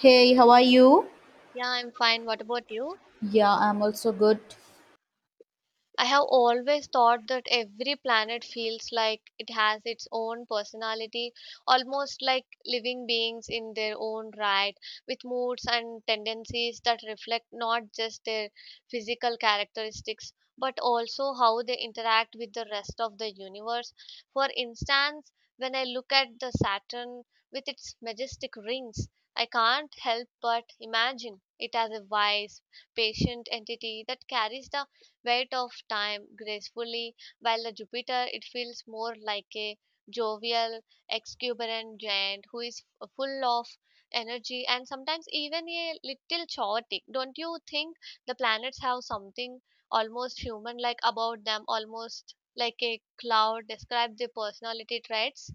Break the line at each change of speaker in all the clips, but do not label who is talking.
Hey, how are you?
Yeah, I'm fine. What about you?
Yeah, I'm also good.
I have always thought that every planet feels like it has its own personality, almost like living beings in their own right, with moods and tendencies that reflect not just their physical characteristics, but also how they interact with the rest of the universe. For instance, when I look at the Saturn with its majestic rings, I can't help but imagine it as a wise, patient entity that carries the weight of time gracefully, while the Jupiter it feels more like a jovial, exuberant giant who is full of energy and sometimes even a little chaotic. Don't you think the planets have something almost human like about them, almost like a cloud? Describe the personality traits.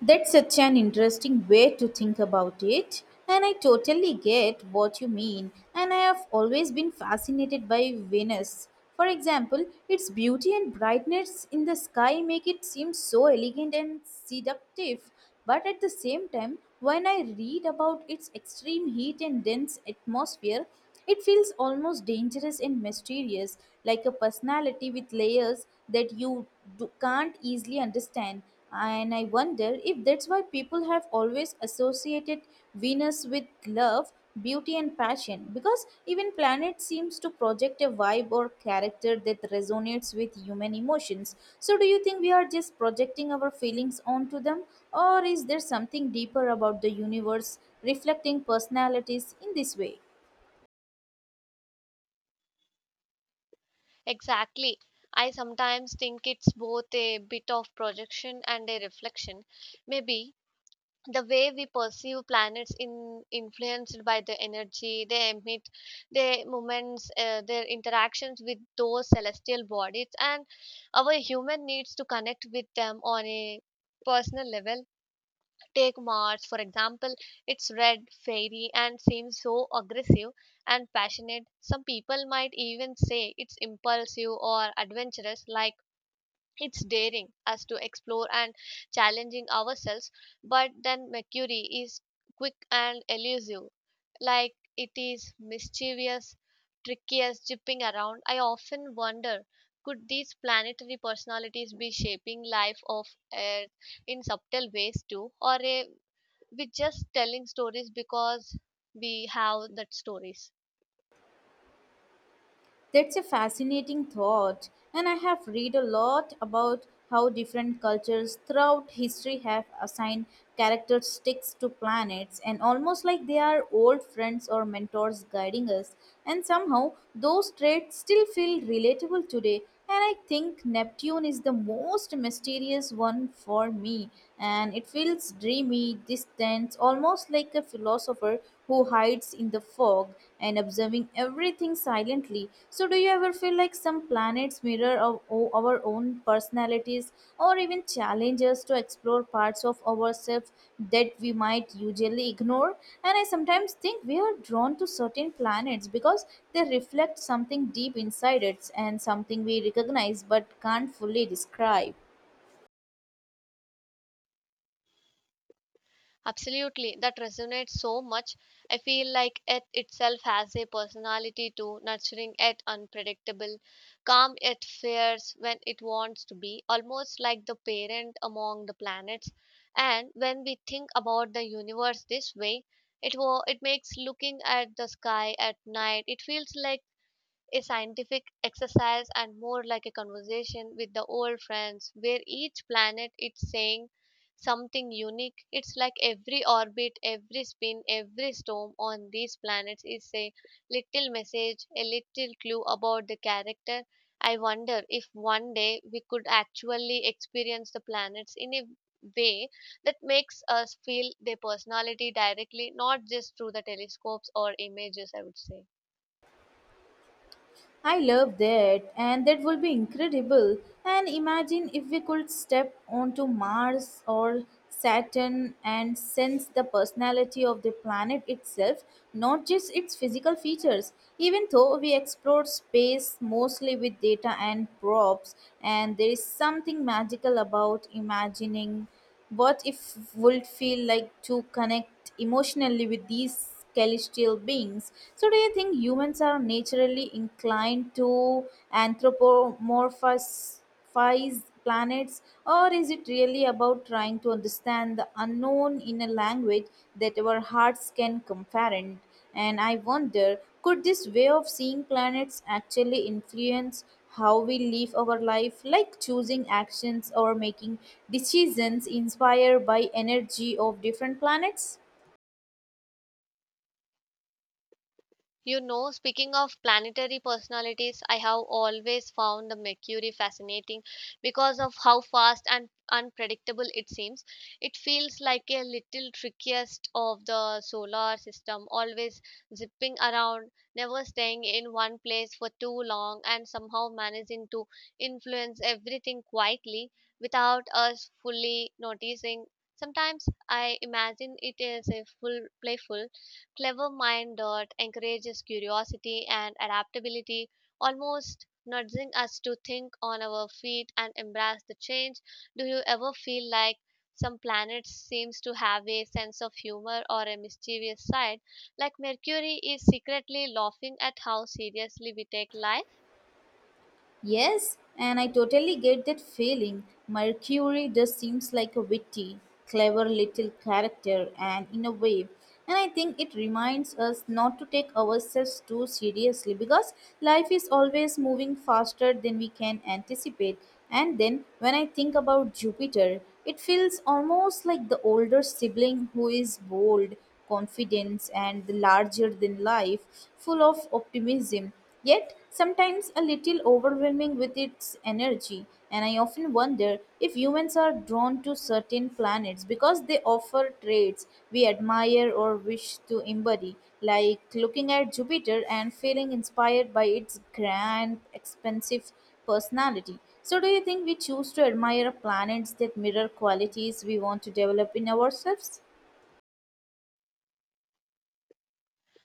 That's such an interesting way to think about it, and I totally get what you mean. And I have always been fascinated by Venus. For example, its beauty and brightness in the sky make it seem so elegant and seductive. But at the same time, when I read about its extreme heat and dense atmosphere, it feels almost dangerous and mysterious, like a personality with layers that you do, can't easily understand. And I wonder if that's why people have always associated Venus with love, beauty, and passion, because even planet seems to project a vibe or character that resonates with human emotions. So, do you think we are just projecting our feelings onto them, or is there something deeper about the universe reflecting personalities in this way?
Exactly. I sometimes think it's both a bit of projection and a reflection. Maybe the way we perceive planets in influenced by the energy they emit, their movements, their interactions with those celestial bodies and our human needs to connect with them on a personal level. Take Mars, for example, it's red, fiery, and seems so aggressive and passionate. Some people might even say it's impulsive or adventurous, like it's daring us to explore and challenging ourselves. But then Mercury is quick and elusive, like it is mischievous, trickiest jipping around. I often wonder, could these planetary personalities be shaping life of Earth in subtle ways too, or we just telling stories because we have that stories?
That's a fascinating thought, and I have read a lot about how different cultures throughout history have assigned characteristics to planets and almost like they are old friends or mentors guiding us and somehow those traits still feel relatable today and I think Neptune is the most mysterious one for me and it feels dreamy distant almost like a philosopher who hides in the fog and observing everything silently. So, do you ever feel like some planets mirror of our own personalities or even challenge us to explore parts of ourselves that we might usually ignore? And I sometimes think we are drawn to certain planets because they reflect something deep inside us and something we recognize but can't fully describe.
Absolutely, that resonates so much. I feel like it itself has a personality too, nurturing yet unpredictable, calm yet fierce when it wants to be, almost like the parent among the planets. And when we think about the universe this way, it makes looking at the sky at night. It feels like a scientific exercise and more like a conversation with the old friends where each planet is saying something unique. It's like every orbit, every spin, every storm on these planets is a little message, a little clue about the character. I wonder if one day we could actually experience the planets in a way that makes us feel their personality directly, not just through the telescopes or images, I would say.
I love that, and that will be incredible. And imagine if we could step onto Mars or Saturn and sense the personality of the planet itself, not just its physical features. Even though we explore space mostly with data and probes, and there is something magical about imagining what if would feel like to connect emotionally with these celestial beings? So, do you think humans are naturally inclined to anthropomorphize planets, or is it really about trying to understand the unknown in a language that our hearts can comprehend? And I wonder could this way of seeing planets actually influence how we live our life, like choosing actions or making decisions inspired by energy of different planets?
You know, speaking of planetary personalities, I have always found the Mercury fascinating because of how fast and unpredictable it seems. It feels like a little trickiest of the solar system, always zipping around, never staying in one place for too long, and somehow managing to influence everything quietly without us fully noticing. Sometimes I imagine it is a full playful clever mind dot encourages curiosity and adaptability, almost nudging us to think on our feet and embrace the change. Do you ever feel like some planets seems to have a sense of humor or a mischievous side, like Mercury is secretly laughing at how seriously we take life?
Yes, and I totally get that feeling. Mercury just seems like a witty, clever little character, and in a way, and I think it reminds us not to take ourselves too seriously because life is always moving faster than we can anticipate. And then when I think about Jupiter, it feels almost like the older sibling who is bold, confident, and larger than life, full of optimism yet sometimes a little overwhelming with its energy. And I often wonder if humans are drawn to certain planets because they offer traits we admire or wish to embody, like looking at Jupiter and feeling inspired by its grand, expansive personality. So, do you think we choose to admire planets that mirror qualities we want to develop in ourselves?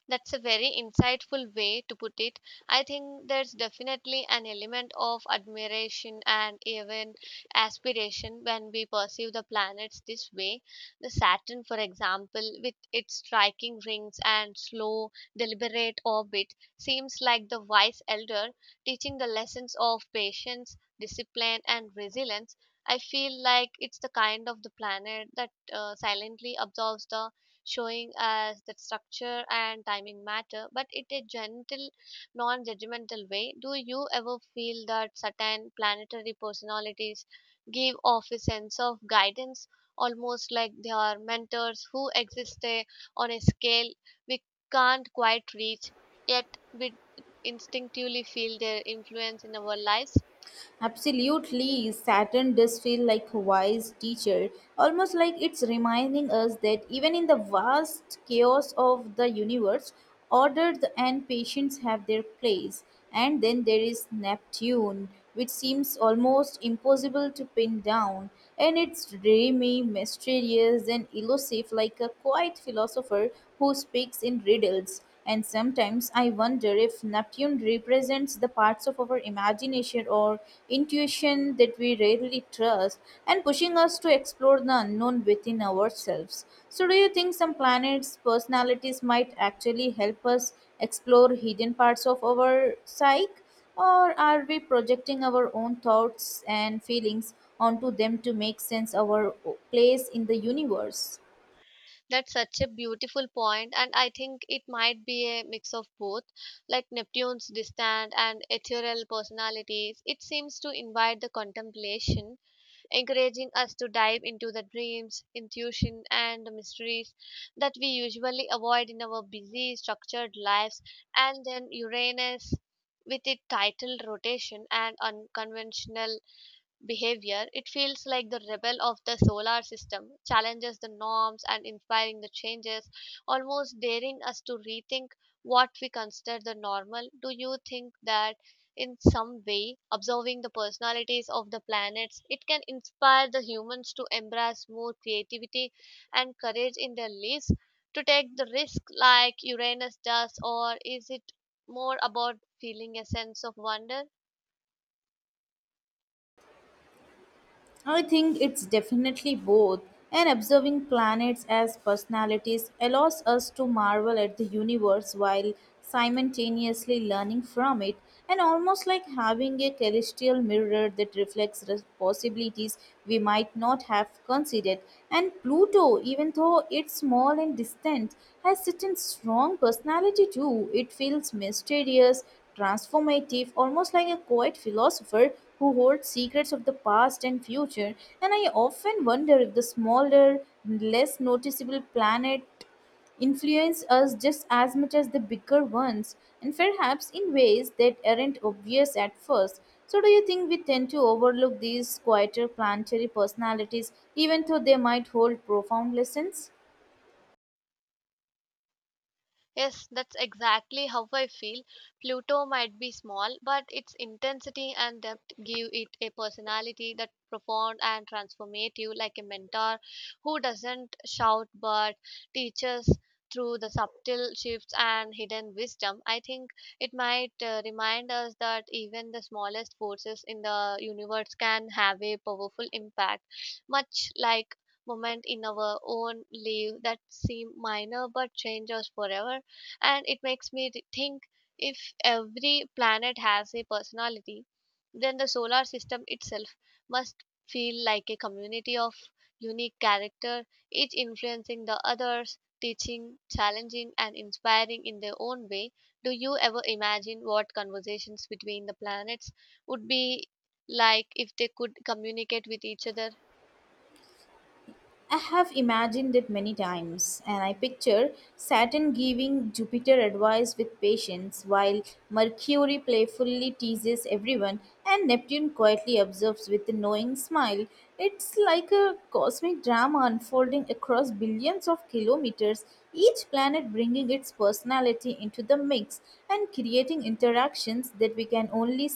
That's a very insightful way to put it. I think there's definitely an element of admiration and even aspiration when we perceive the planets this way. The Saturn, for example, with its striking rings and slow, deliberate orbit, seems like the wise elder teaching the lessons of patience, discipline, and resilience. I feel like it's the kind of the planet that silently absorbs the, showing us that structure and timing matter, but in a gentle, non judgmental way. Do you ever feel that certain planetary personalities give off a sense of guidance, almost like they are mentors who exist on a scale we can't quite reach, yet we instinctively feel their influence in our lives?
Absolutely, Saturn does feel like a wise teacher, almost like it's reminding us that even in the vast chaos of the universe, order and patience have their place. And then there is Neptune, which seems almost impossible to pin down, and it's dreamy, mysterious, and elusive, like a quiet philosopher who speaks in riddles. And sometimes I wonder if Neptune represents the parts of our imagination or intuition that we rarely trust and pushing us to explore the unknown within ourselves. So, do you think some planets' personalities might actually help us explore hidden parts of our psyche? Or are we projecting our own thoughts and feelings onto them to make sense of our place in the universe?
That's such a beautiful point, and I think it might be a mix of both, like Neptune's distant and ethereal personalities. It seems to invite the contemplation, encouraging us to dive into the dreams, intuition, and the mysteries that we usually avoid in our busy, structured lives. And then Uranus, with its tidal rotation and unconventional behavior, it feels like the rebel of the solar system, challenges the norms and inspiring the changes, almost daring us to rethink what we consider the normal. Do you think that in some way, observing the personalities of the planets, it can inspire the humans to embrace more creativity and courage in their lives, to take the risk like Uranus does, or is it more about feeling a sense of wonder?
I think it's definitely both, and observing planets as personalities allows us to marvel at the universe while simultaneously learning from it, and almost like having a celestial mirror that reflects the possibilities we might not have considered. And Pluto, even though it's small and distant, has such a strong personality too. It feels mysterious, transformative, almost like a quiet philosopher who holds secrets of the past and future. And I often wonder if the smaller, less noticeable planet influence us just as much as the bigger ones, and perhaps in ways that aren't obvious at first. So, do you think we tend to overlook these quieter planetary personalities, even though they might hold profound lessons?
Yes, that's exactly how I feel. Pluto might be small, but its intensity and depth give it a personality that profound and transformative, like a mentor who doesn't shout but teaches through the subtle shifts and hidden wisdom. I think it might remind us that even the smallest forces in the universe can have a powerful impact, much like moment in our own life that seem minor but change us forever. And it makes me think, if every planet has a personality, then the solar system itself must feel like a community of unique character, each influencing the others, teaching, challenging, and inspiring in their own way. Do you ever imagine what conversations between the planets would be like if they could communicate with each other?
I have imagined it many times, and I picture Saturn giving Jupiter advice with patience, while Mercury playfully teases everyone, and Neptune quietly observes with a knowing smile. It's like a cosmic drama unfolding across billions of kilometers, each planet bringing its personality into the mix and creating interactions that we can only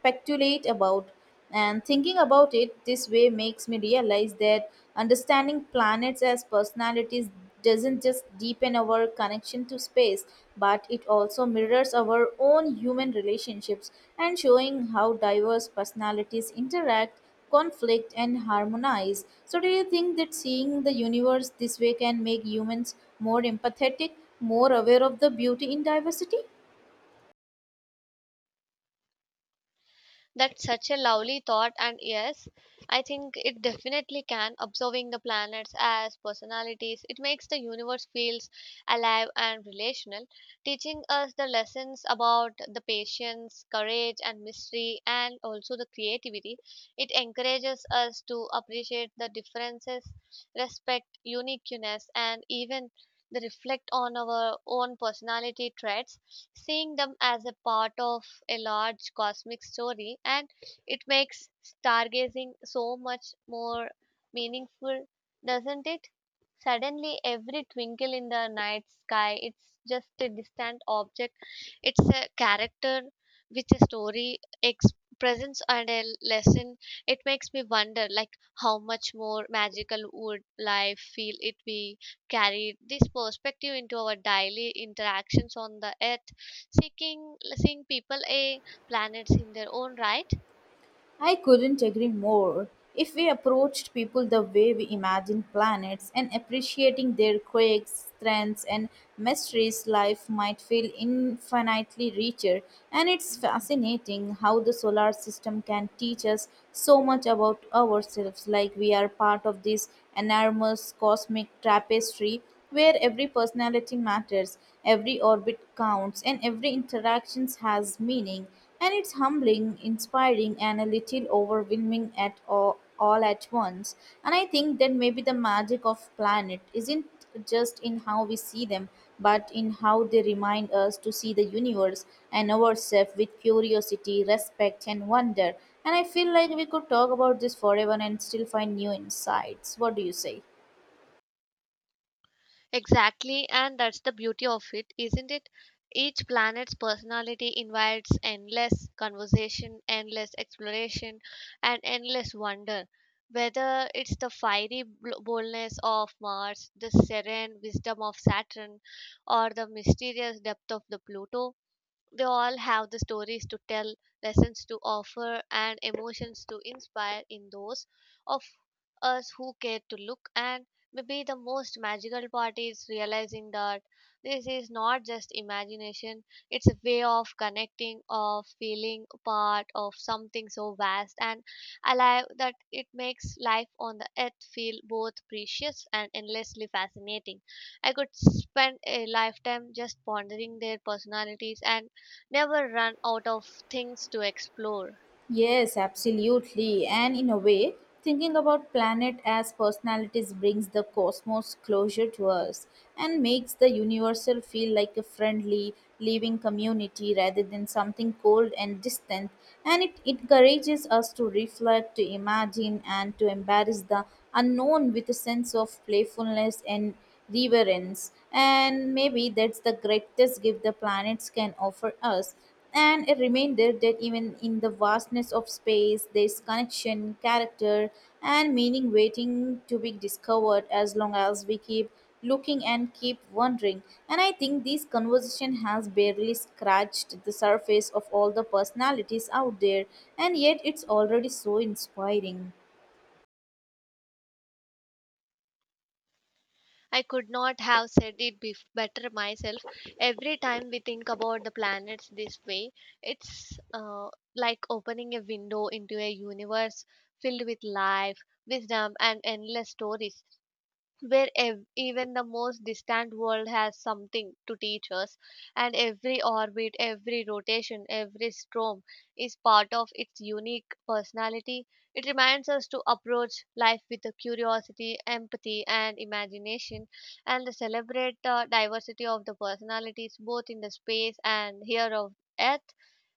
speculate about. And thinking about it this way makes me realize that understanding planets as personalities doesn't just deepen our connection to space, but it also mirrors our own human relationships and showing how diverse personalities interact, conflict, and harmonize. So, do you think that seeing the universe this way can make humans more empathetic, more aware of the beauty in diversity?
That's such a lovely thought, and yes, I think it definitely can. Observing the planets as personalities, it makes the universe feels alive and relational, teaching us the lessons about the patience, courage, and mystery, and also the creativity. It encourages us to appreciate the differences, respect uniqueness, and even the reflect on our own personality traits, seeing them as a part of a large cosmic story, and it makes stargazing so much more meaningful, doesn't it? Suddenly, every twinkle in the night sky, it's just a distant object, it's a character with a story, presence, and a lesson. It makes me wonder, like, how much more magical would life feel if we carried this perspective into our daily interactions on the earth, seeking seeing people a planets in their own right.
I couldn't agree more. If we approached people the way we imagine planets and appreciating their quirks, strengths, and mysteries, life might feel infinitely richer. And it's fascinating how the solar system can teach us so much about ourselves, like we are part of this enormous cosmic tapestry where every personality matters, every orbit counts, and every interaction has meaning. And it's humbling, inspiring, and a little overwhelming at all at once. And I think that maybe the magic of planet isn't just in how we see them, but in how they remind us to see the universe and ourselves with curiosity, respect, and wonder. And I feel like we could talk about this forever and still find new insights. What do you say?
Exactly, and that's the beauty of it, isn't it? Each planet's personality invites endless conversation, endless exploration, and endless wonder, whether it's the fiery boldness of Mars, the serene wisdom of Saturn, or the mysterious depth of the Pluto. They all have the stories to tell, lessons to offer, and emotions to inspire in those of us who care to look. And maybe the most magical part is realizing that this is not just imagination, it's a way of connecting, of feeling part of something so vast and alive that it makes life on the earth feel both precious and endlessly fascinating. I could spend a lifetime just pondering their personalities and never run out of things to explore.
Yes, absolutely. And in a way, thinking about planet as personalities brings the cosmos closer to us and makes the universal feel like a friendly, living community rather than something cold and distant. And it encourages us to reflect, to imagine, and to embrace the unknown with a sense of playfulness and reverence, and maybe that's the greatest gift the planets can offer us. And a reminder that even in the vastness of space, there's connection, character, and meaning waiting to be discovered as long as we keep looking and keep wondering. And I think this conversation has barely scratched the surface of all the personalities out there, and yet it's already so inspiring.
I could not have said it bef better myself. Every time we think about the planets this way, it's like opening a window into a universe filled with life, wisdom, and endless stories, where even the most distant world has something to teach us, and every orbit, every rotation, every storm is part of its unique personality. It reminds us to approach life with a curiosity, empathy, and imagination, and to celebrate the diversity of the personalities both in the space and here of Earth.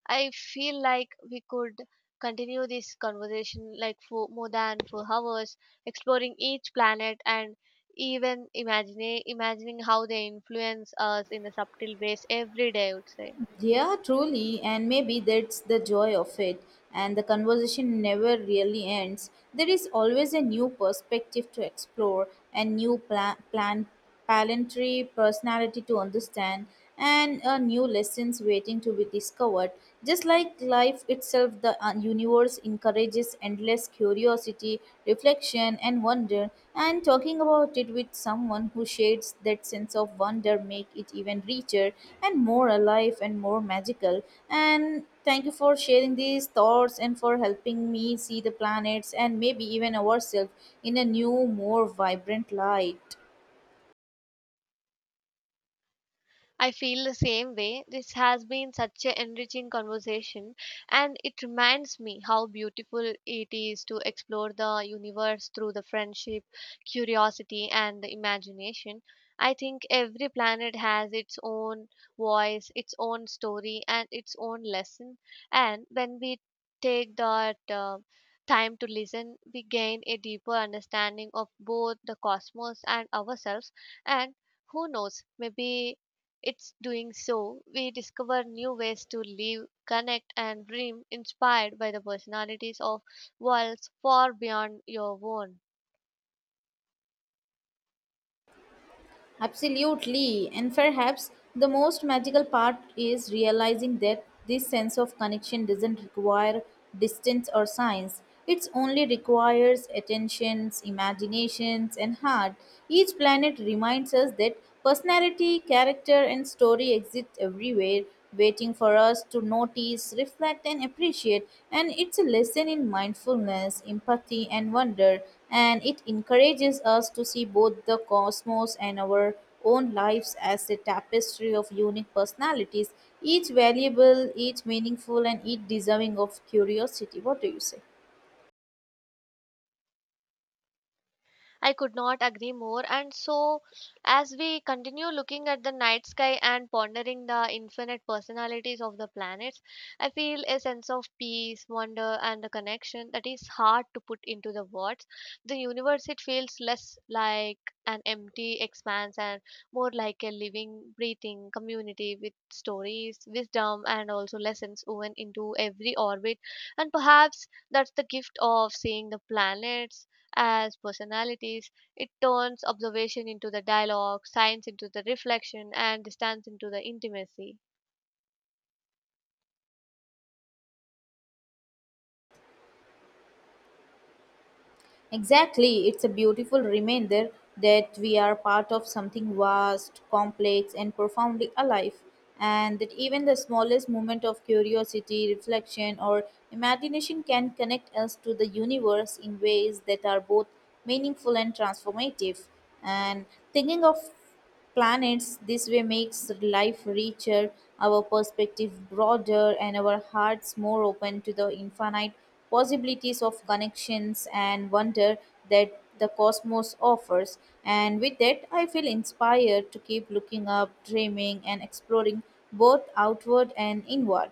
I feel like we could continue this conversation like for more than 4 hours, exploring each planet and even imagine imagining how they influence us in the subtle ways every day, I would say.
Yeah, truly, and maybe that's the joy of it. And the conversation never really ends. There is always a new perspective to explore, a new plan, plan palantry personality to understand, and a new lessons waiting to be discovered. Just like life itself, the universe encourages this endless curiosity, reflection, and wonder. And talking about it with someone who shares that sense of wonder make it even richer and more alive and more magical. And thank you for sharing these thoughts and for helping me see the planets and maybe even ourselves in a new, more vibrant light.
I feel the same way. This has been such an enriching conversation, and it reminds me how beautiful it is to explore the universe through the friendship, curiosity, and the imagination. I think every planet has its own voice, its own story, and its own lesson. And when we take that time to listen, we gain a deeper understanding of both the cosmos and ourselves. And who knows, maybe it's doing so, we discover new ways to live, connect, and dream, inspired by the personalities of worlds far beyond your own.
Absolutely. And perhaps the most magical part is realizing that this sense of connection doesn't require distance or science. It only requires attentions, imaginations, and heart. Each planet reminds us that personality, character, and story exist everywhere, waiting for us to notice, reflect, and appreciate. And it's a lesson in mindfulness, empathy, and wonder and it encourages us to see both the cosmos and our own lives as a tapestry of unique personalities, each valuable, each meaningful, and each deserving of curiosity. What do you say?
I could not agree more. And so, as we continue looking at the night sky and pondering the infinite personalities of the planets, I feel a sense of peace, wonder, and the connection that is hard to put into the words. The universe, it feels less like an empty expanse and more like a living, breathing community with stories, wisdom, and also lessons woven into every orbit. And perhaps that's the gift of seeing the planets as personalities. It turns observation into the dialogue, science into the reflection, and distance into the intimacy.
Exactly, it's a beautiful reminder that we are part of something vast, complex, and profoundly alive, and that even the smallest moment of curiosity, reflection, or imagination can connect us to the universe in ways that are both meaningful and transformative. And thinking of planets. This way makes life richer, our perspective broader, and our hearts more open to the infinite possibilities of connections and wonder that the cosmos offers. And with that, I feel inspired to keep looking up, dreaming, and exploring both outward and inward.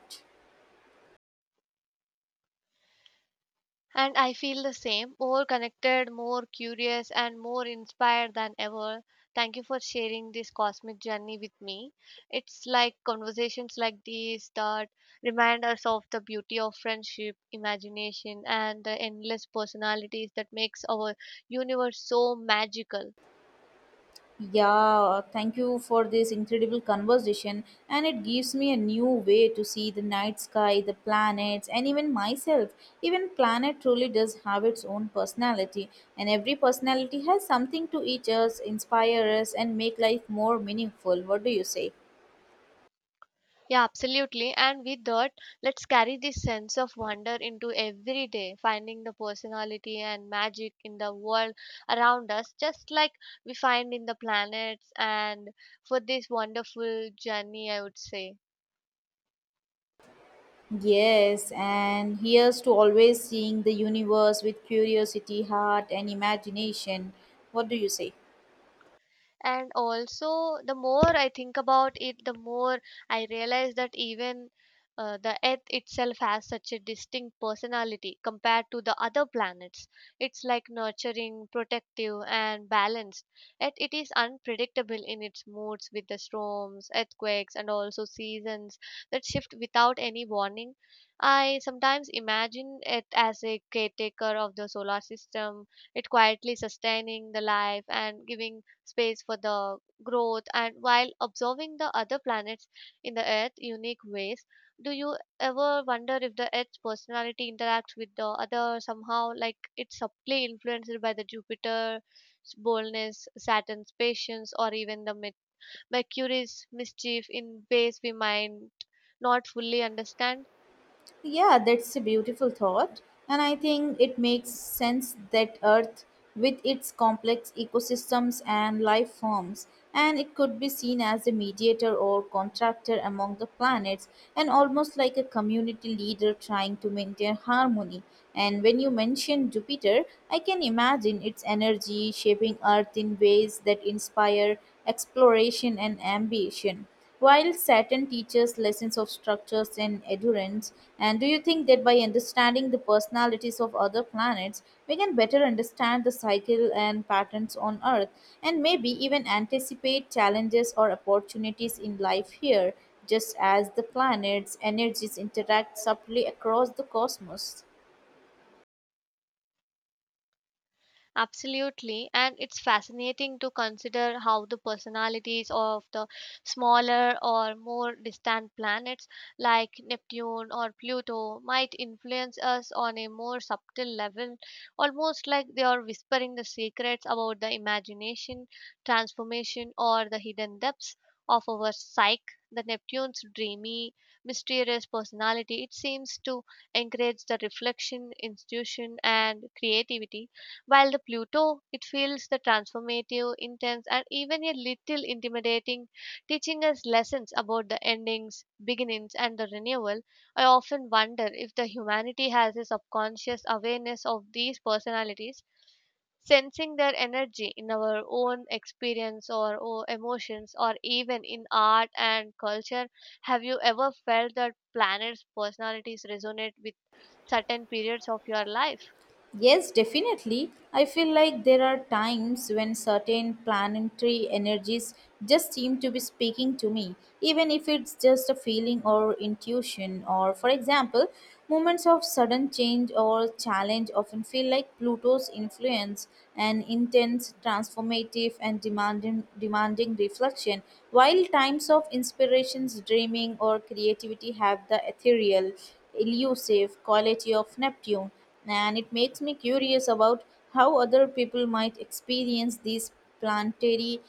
And I feel the same, more connected, more curious, and more inspired than ever. Thank you for sharing this cosmic journey with me. It's like conversations like these that remind us of the beauty of friendship, imagination, and the endless personalities that makes our universe so magical.
Yeah, thank you for this incredible conversation, and it gives me a new way to see the night sky, the planets, and even myself. Even planet truly does have its own personality, and every personality has something to teach us, inspire us, and make life more meaningful. What do you say?
Yeah, absolutely. And with that, let's carry this sense of wonder into every day, finding the personality and magic in the world around us, just like we find in the planets. And for this wonderful journey, I would say.
Yes, and here's to always seeing the universe with curiosity, heart, and imagination. What do you say?
And also, the more I think about it, the more I realize that even the earth itself has such a distinct personality compared to the other planets. It's like nurturing, protective, and balanced, yet it is unpredictable in its moods with the storms, earthquakes, and also seasons that shift without any warning. I sometimes imagine it as a caretaker of the solar system, it quietly sustaining the life and giving space for the growth and while observing the other planets in the earth unique ways. Do you ever wonder if the earth's personality interacts with the other somehow, like it's subtly influenced by the Jupiter's boldness, Saturn's patience, or even the Mercury's mischief in ways we might not fully understand?
Yeah, that's a beautiful thought. And I think it makes sense that Earth, with its complex ecosystems and life forms, and it could be seen as a mediator or contractor among the planets, and almost like a community leader trying to maintain harmony. And when you mention Jupiter, I can imagine its energy shaping Earth in ways that inspire exploration and ambition. While Saturn teaches lessons of structures and endurance, and do you think that by understanding the personalities of other planets, we can better understand the cycle and patterns on Earth, and maybe even anticipate challenges or opportunities in life here, just as the planets' energies interact subtly across the cosmos?
Absolutely. And it's fascinating to consider how the personalities of the smaller or more distant planets like Neptune or Pluto might influence us on a more subtle level, almost like they are whispering the secrets about the imagination, transformation, or the hidden depths of our psyche. The Neptune's dreamy, mysterious personality, it seems to encourage the reflection, intuition, and creativity, while the Pluto, it feels the transformative, intense, and even a little intimidating, teaching us lessons about the endings, beginnings, and the renewal. I often wonder if the humanity has a subconscious awareness of these personalities, sensing their energy in our own experience or emotions, or even in art and culture. Have you ever felt that planets' personalities resonate with certain periods of your life?
Yes, definitely. I feel like there are times when certain planetary energies just seem to be speaking to me, even if it's just a feeling or intuition. Or, for example, moments of sudden change or challenge often feel like Pluto's influence, an intense, transformative, and demanding reflection, while times of inspirations, dreaming, or creativity have the ethereal, elusive quality of Neptune and it makes me curious about how other people might experience these planetary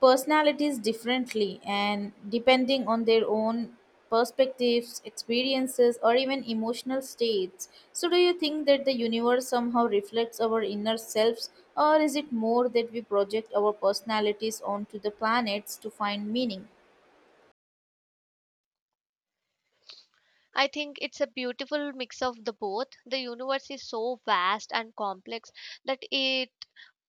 personalities differently and depending on their own perspectives experiences or even emotional states so do you think that the universe somehow reflects our inner selves or is it more that we project our personalities onto the planets to find meaning
I think it's a beautiful mix of the both. The universe is so vast and complex that it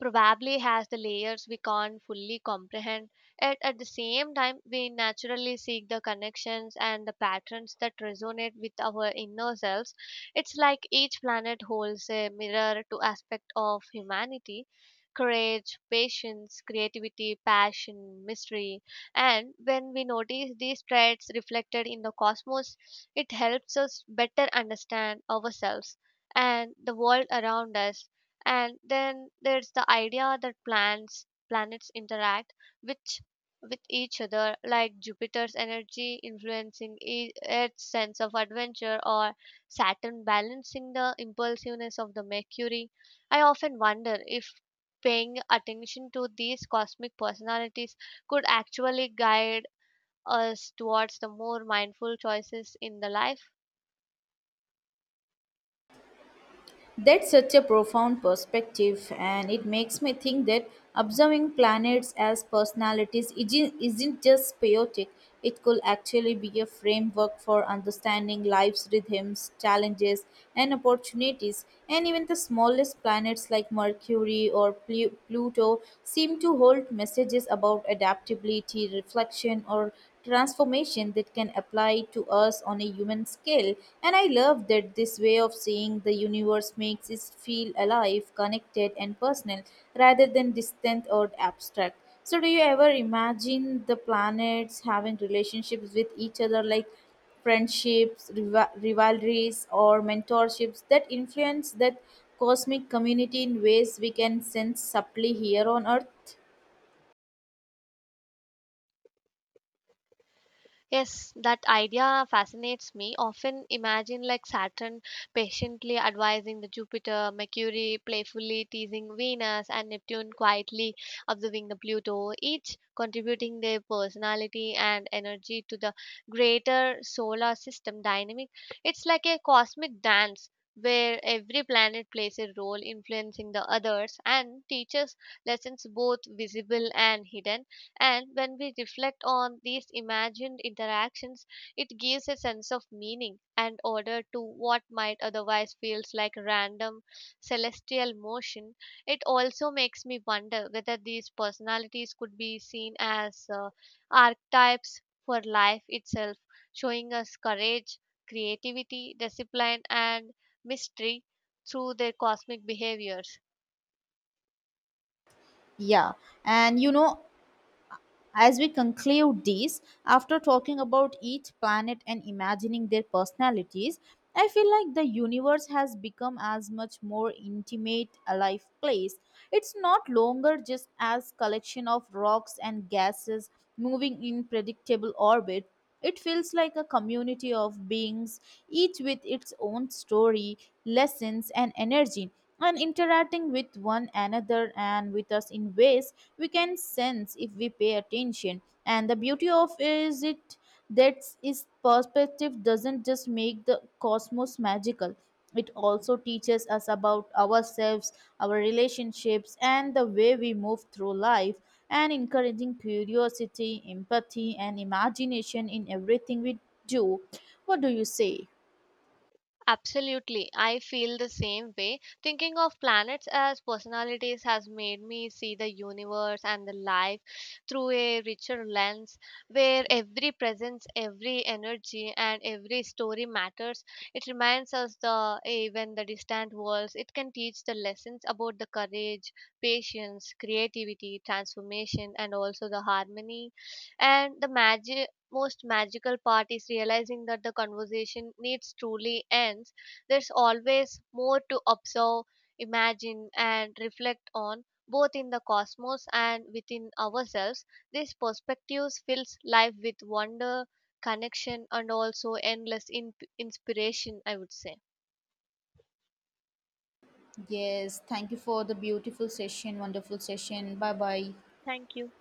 probably has the layers we can't fully comprehend. Yet at the same time, we naturally seek the connections and the patterns that resonate with our inner selves. It's like each planet holds a mirror to aspect of humanity. Courage, patience, creativity, passion, mystery, and when we notice these traits reflected in the cosmos, it helps us better understand ourselves and the world around us. And then there's the idea that plants planets interact which with each other, like Jupiter's energy influencing Earth's sense of adventure, or Saturn balancing the impulsiveness of the Mercury. I often wonder if paying attention to these cosmic personalities could actually guide us towards the more mindful choices in the life.
That's such a profound perspective, and it makes me think that observing planets as personalities isn't just chaotic, it could actually be a framework for understanding life's rhythms, challenges, and opportunities. And even the smallest planets like Mercury or Pluto seem to hold messages about adaptability, reflection, or transformation that can apply to us on a human scale. And I love that this way of seeing the universe makes us feel alive, connected, and personal rather than distant or abstract. So, do you ever imagine the planets having relationships with each other like friendships, rivalries, or mentorships that influence that cosmic community in ways we can sense subtly here on Earth?
Yes, that idea fascinates me. Often imagine like Saturn patiently advising the Jupiter, Mercury playfully teasing Venus, and Neptune quietly observing the Pluto, each contributing their personality and energy to the greater solar system dynamic. It's like a cosmic dance where every planet plays a role influencing the others and teaches lessons both visible and hidden, and when we reflect on these imagined interactions, it gives a sense of meaning and order to what might otherwise feels like random celestial motion. It also makes me wonder whether these personalities could be seen as archetypes for life itself, showing us courage, creativity, discipline, and mystery through their cosmic behaviors.
Yeah, and you know, as we conclude this, after talking about each planet and imagining their personalities, I feel like the universe has become as much more intimate, alive place. It's not longer just as collection of rocks and gases moving in predictable orbit. It feels like a community of beings, each with its own story, lessons, and energy, and interacting with one another and with us in ways we can sense if we pay attention. And the beauty of is it that its perspective doesn't just make the cosmos magical it also teaches us about ourselves our relationships and the way we move through life and encouraging curiosity empathy and imagination in everything we do what do you say
Absolutely. I feel the same way. Thinking of planets as personalities has made me see the universe and the life through a richer lens where every presence, every energy, and every story matters. It reminds us the even the distant worlds. It can teach the lessons about the courage, patience, creativity, transformation, and also the harmony and the magic. Most magical part is realizing that the conversation needs truly ends. There's always more to observe, imagine, and reflect on, both in the cosmos and within ourselves. These perspectives fills life with wonder, connection, and also endless inspiration, I would say.
Yes, thank you for the beautiful session, wonderful session. Bye bye.
Thank you.